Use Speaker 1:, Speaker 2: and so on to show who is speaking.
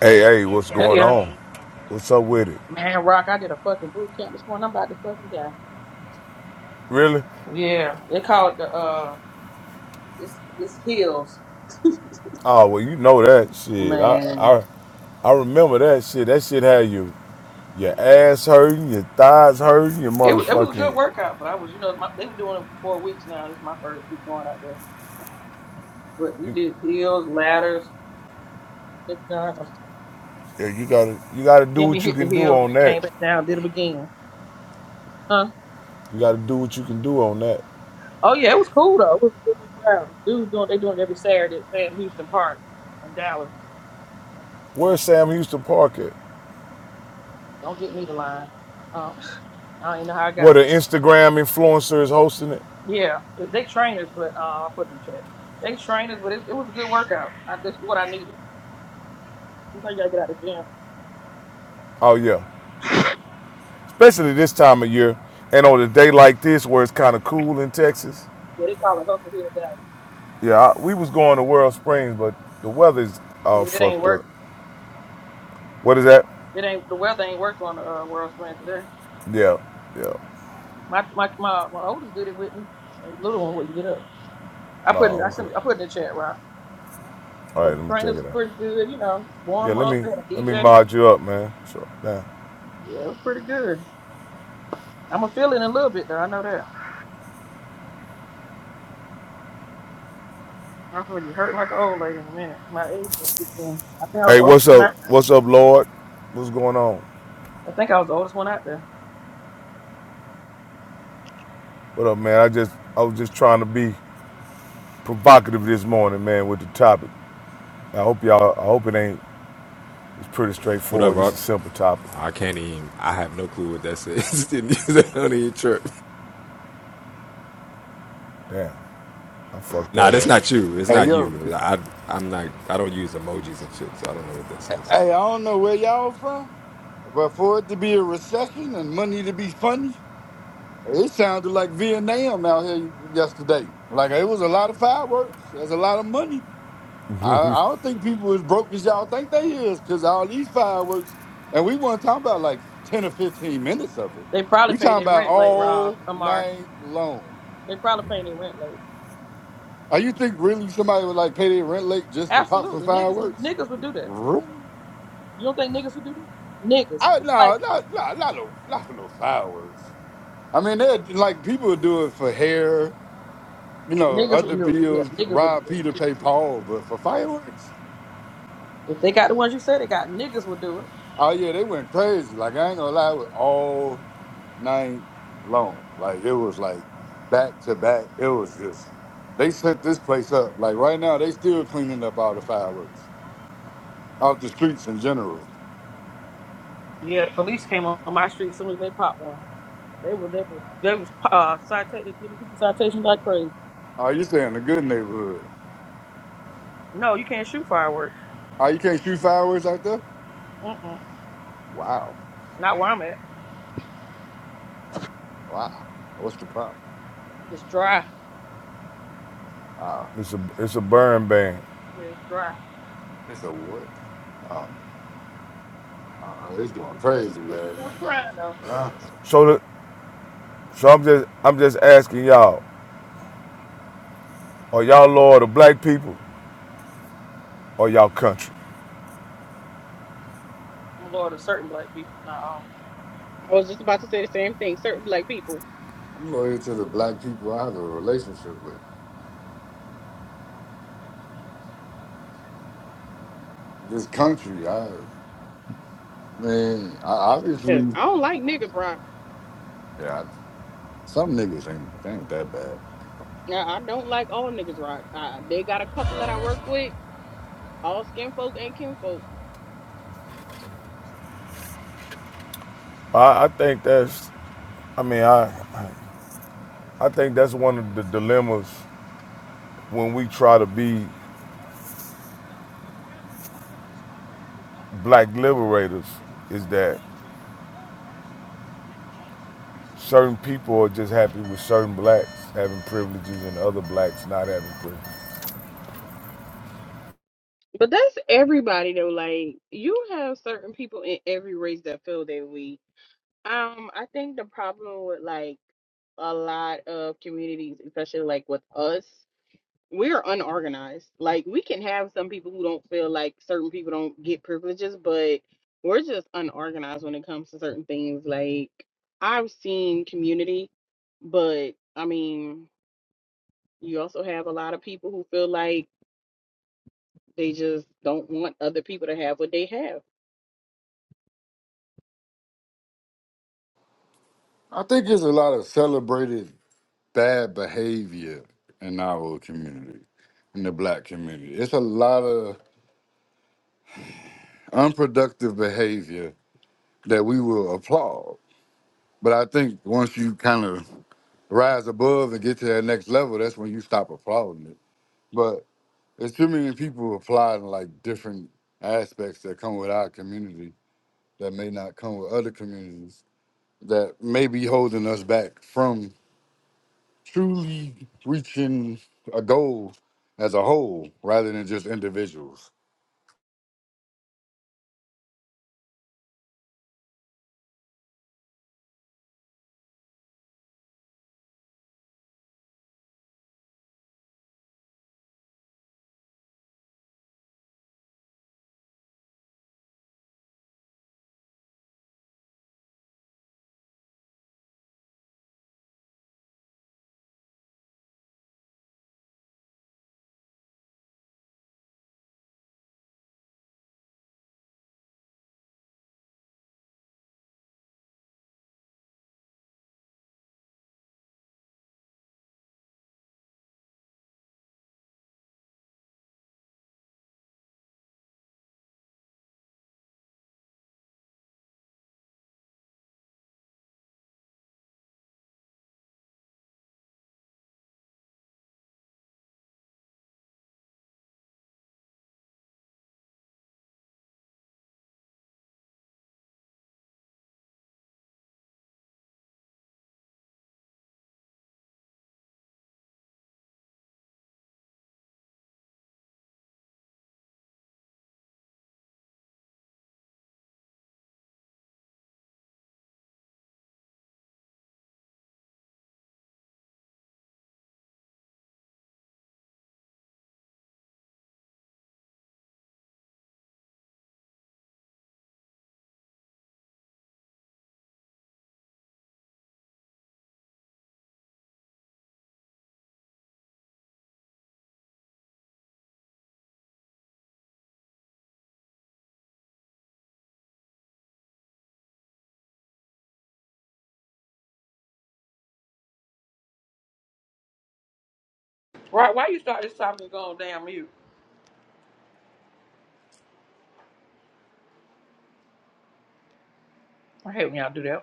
Speaker 1: Hey, hey, what's
Speaker 2: Hey,
Speaker 1: going
Speaker 2: yeah.
Speaker 1: on? What's up with it?
Speaker 2: Man, Rock, I did a fucking boot camp this morning. I'm about to fucking die.
Speaker 1: Really?
Speaker 2: Yeah. They call it the uh, it's it's hills,
Speaker 1: Oh well, you know that shit. I
Speaker 2: Man,
Speaker 1: I I remember that shit. That shit had you your ass hurting, your thighs hurting, your
Speaker 2: it wa- it was a
Speaker 1: motherfucking.
Speaker 2: good workout, but I was you know my, they were doing it four weeks now. This is my first week going out there, but we
Speaker 1: You,
Speaker 2: did hills, ladders, it's done.
Speaker 1: yeah, you gotta you gotta do
Speaker 2: Then we
Speaker 1: what you
Speaker 2: hit the
Speaker 1: can do
Speaker 2: hills and
Speaker 1: on
Speaker 2: then
Speaker 1: that.
Speaker 2: came back down, did them again. Huh?
Speaker 1: You gotta do what you can do on that.
Speaker 2: Oh yeah, it was cool though. It was a good little crowd. Dudes doing they doing it every Saturday at Sam Houston Park in Dallas. And
Speaker 1: Where's Sam Houston Park at?
Speaker 2: don't get me the line. Um, I don't even know how I got
Speaker 1: What
Speaker 2: there.
Speaker 1: an Instagram influencer is hosting it?
Speaker 2: Yeah, they trained us, but uh, I put in the chat. They trained us, but it, it was a good workout. I, this is what I needed. You you gotta get out of the gym.
Speaker 1: Oh yeah, yeah. Especially this time of year, and on a day like this where it's kind of cool in Texas.
Speaker 2: Yeah, they call it hustle hill down.
Speaker 1: Yeah, I, we was going to World Springs, but the weather's all
Speaker 2: Yeah, It ain't
Speaker 1: fucked up.
Speaker 2: work.
Speaker 1: What is that?
Speaker 2: It ain't the weather ain't work on the uh, world spring today.
Speaker 1: Yeah, yeah.
Speaker 2: My my my my oldest did it with me. The little one wouldn't get up. I put in, I
Speaker 1: No,
Speaker 2: sent,
Speaker 1: okay.
Speaker 2: I put in the chat, Rob.
Speaker 1: All
Speaker 2: But
Speaker 1: right, let
Speaker 2: the
Speaker 1: me check
Speaker 2: trainers
Speaker 1: it
Speaker 2: were
Speaker 1: out.
Speaker 2: pretty good. You know,
Speaker 1: Yeah,
Speaker 2: warm
Speaker 1: let
Speaker 2: up
Speaker 1: me
Speaker 2: and
Speaker 1: let me
Speaker 2: DJ.
Speaker 1: mod you up, man. Sure. Yeah.
Speaker 2: Yeah, it was pretty good. I'm gonna feel it in a little bit though. I know that. I'm gonna be hurt like an old lady in a minute. My age will kick in. I think I was
Speaker 1: Hey,
Speaker 2: the
Speaker 1: what's
Speaker 2: oldest one
Speaker 1: up?
Speaker 2: out there.
Speaker 1: What's up, Lord? What's going on?
Speaker 2: I think I was the oldest one out there.
Speaker 1: What up, man? I just I was just trying to be provocative this morning, man, with the topic. I hope y'all. I hope it ain't. It's pretty
Speaker 3: What up,
Speaker 1: straightforward. It's
Speaker 3: Rock?
Speaker 1: a simple topic.
Speaker 3: I can't even. I have no clue what that says. Don't even trip.
Speaker 1: Damn, I fucked
Speaker 3: Nah,
Speaker 1: that
Speaker 3: that's
Speaker 1: up.
Speaker 3: not you. It's
Speaker 4: Hey
Speaker 3: not
Speaker 4: yo,
Speaker 3: you. I, I'm not. I don't use emojis and shit, so I don't know what that says.
Speaker 4: hey, I don't know where y'all from, but for it to be a recession and money to be funny, it sounded like Vietnam out here yesterday. Like it was a lot of fireworks. There's a lot of money. I, I don't think people is broke as y'all think they is, cause all these fireworks, and we want to talk about like ten or fifteen minutes of it.
Speaker 2: They probably
Speaker 4: We
Speaker 2: pay
Speaker 4: talking
Speaker 2: their
Speaker 4: about
Speaker 2: rent late, Rob,
Speaker 4: all
Speaker 2: Amar.
Speaker 4: night long.
Speaker 2: They probably pay their rent late.
Speaker 4: Are you think really somebody would like pay their rent late just to pop some
Speaker 2: Absolutely. Niggas would
Speaker 4: fireworks?
Speaker 2: niggas would do that.
Speaker 4: Really?
Speaker 2: You don't think niggas would do that? Niggas.
Speaker 4: I
Speaker 2: Not like
Speaker 4: no, not not not no not for no fireworks. I mean, they like people would do it for hair, you know,
Speaker 2: niggas
Speaker 4: other
Speaker 2: would do yeah,
Speaker 4: bills,
Speaker 2: niggas would do
Speaker 4: rob
Speaker 2: it.
Speaker 4: Peter, pay Paul, but for fireworks,
Speaker 2: If they got the ones you said they got, niggas would do it.
Speaker 4: oh yeah, they went crazy. Like I ain't gonna lie, it was all night long. Like it was like back to back. It was just they set this place up. Like right now, they still cleaning up all the fireworks off the streets in general.
Speaker 2: Yeah, the police came on my street as soon as they popped one. They were they were they was uh citated giving people citations like crazy.
Speaker 4: Oh, you saying a good neighborhood?
Speaker 2: No, you can't shoot fireworks.
Speaker 4: Oh, you can't shoot fireworks out there?
Speaker 2: Mm-mm.
Speaker 4: Wow,
Speaker 2: Not where I'm at.
Speaker 4: wow. What's the problem?
Speaker 2: It's dry.
Speaker 4: Oh,
Speaker 1: It's a it's a burn ban.
Speaker 2: Yeah, it's dry.
Speaker 4: it's a what? Oh, uh, it's going crazy
Speaker 2: It, it
Speaker 4: last
Speaker 2: was
Speaker 4: night.
Speaker 2: prime though.
Speaker 4: Huh?
Speaker 1: So the, so I'm just I'm just asking y'all. Are y'all loyal to black people or y'all country?
Speaker 2: I'm a lord of certain black people, not all.
Speaker 5: I was just about to say the same thing. Certain black people,
Speaker 4: I'm loyal to the black people I have a relationship with. This country, I, I mean, I
Speaker 5: because
Speaker 4: obviously,
Speaker 5: I don't like niggas rock.
Speaker 4: yeah, I, some niggas ain't, ain't that bad.
Speaker 5: I, I don't like all niggas rock. Uh, they got a couple that I work with, all skin folk and kin folk.
Speaker 1: I, I think that's, I mean, I, I think that's one of the dilemmas when we try to be black liberators is that certain people are just happy with certain blacks having privileges and other blacks not having privileges.
Speaker 5: But that's everybody though. Like you have certain people in every race that feel that way. Um, I think the problem with like a lot of communities, especially like with us. we're unorganized. Like we can have some people who don't feel like certain people don't get privileges, but we're just unorganized when it comes to certain things. Like I've seen community, but I mean, you also have a lot of people who feel like they just don't want other people to have what they have.
Speaker 4: I think there's a lot of celebrated bad behavior in our community, in the black community. It's a lot of unproductive behavior that we will applaud. But I think once you kind of rise above and get to that next level, that's when you stop applauding it. But it's too many people applauding like different aspects that come with our community that may not come with other communities that may be holding us back from truly reaching a goal as a whole rather than just individuals.
Speaker 2: Right, why you start this topic and go on damn mute? I hate when y'all do that.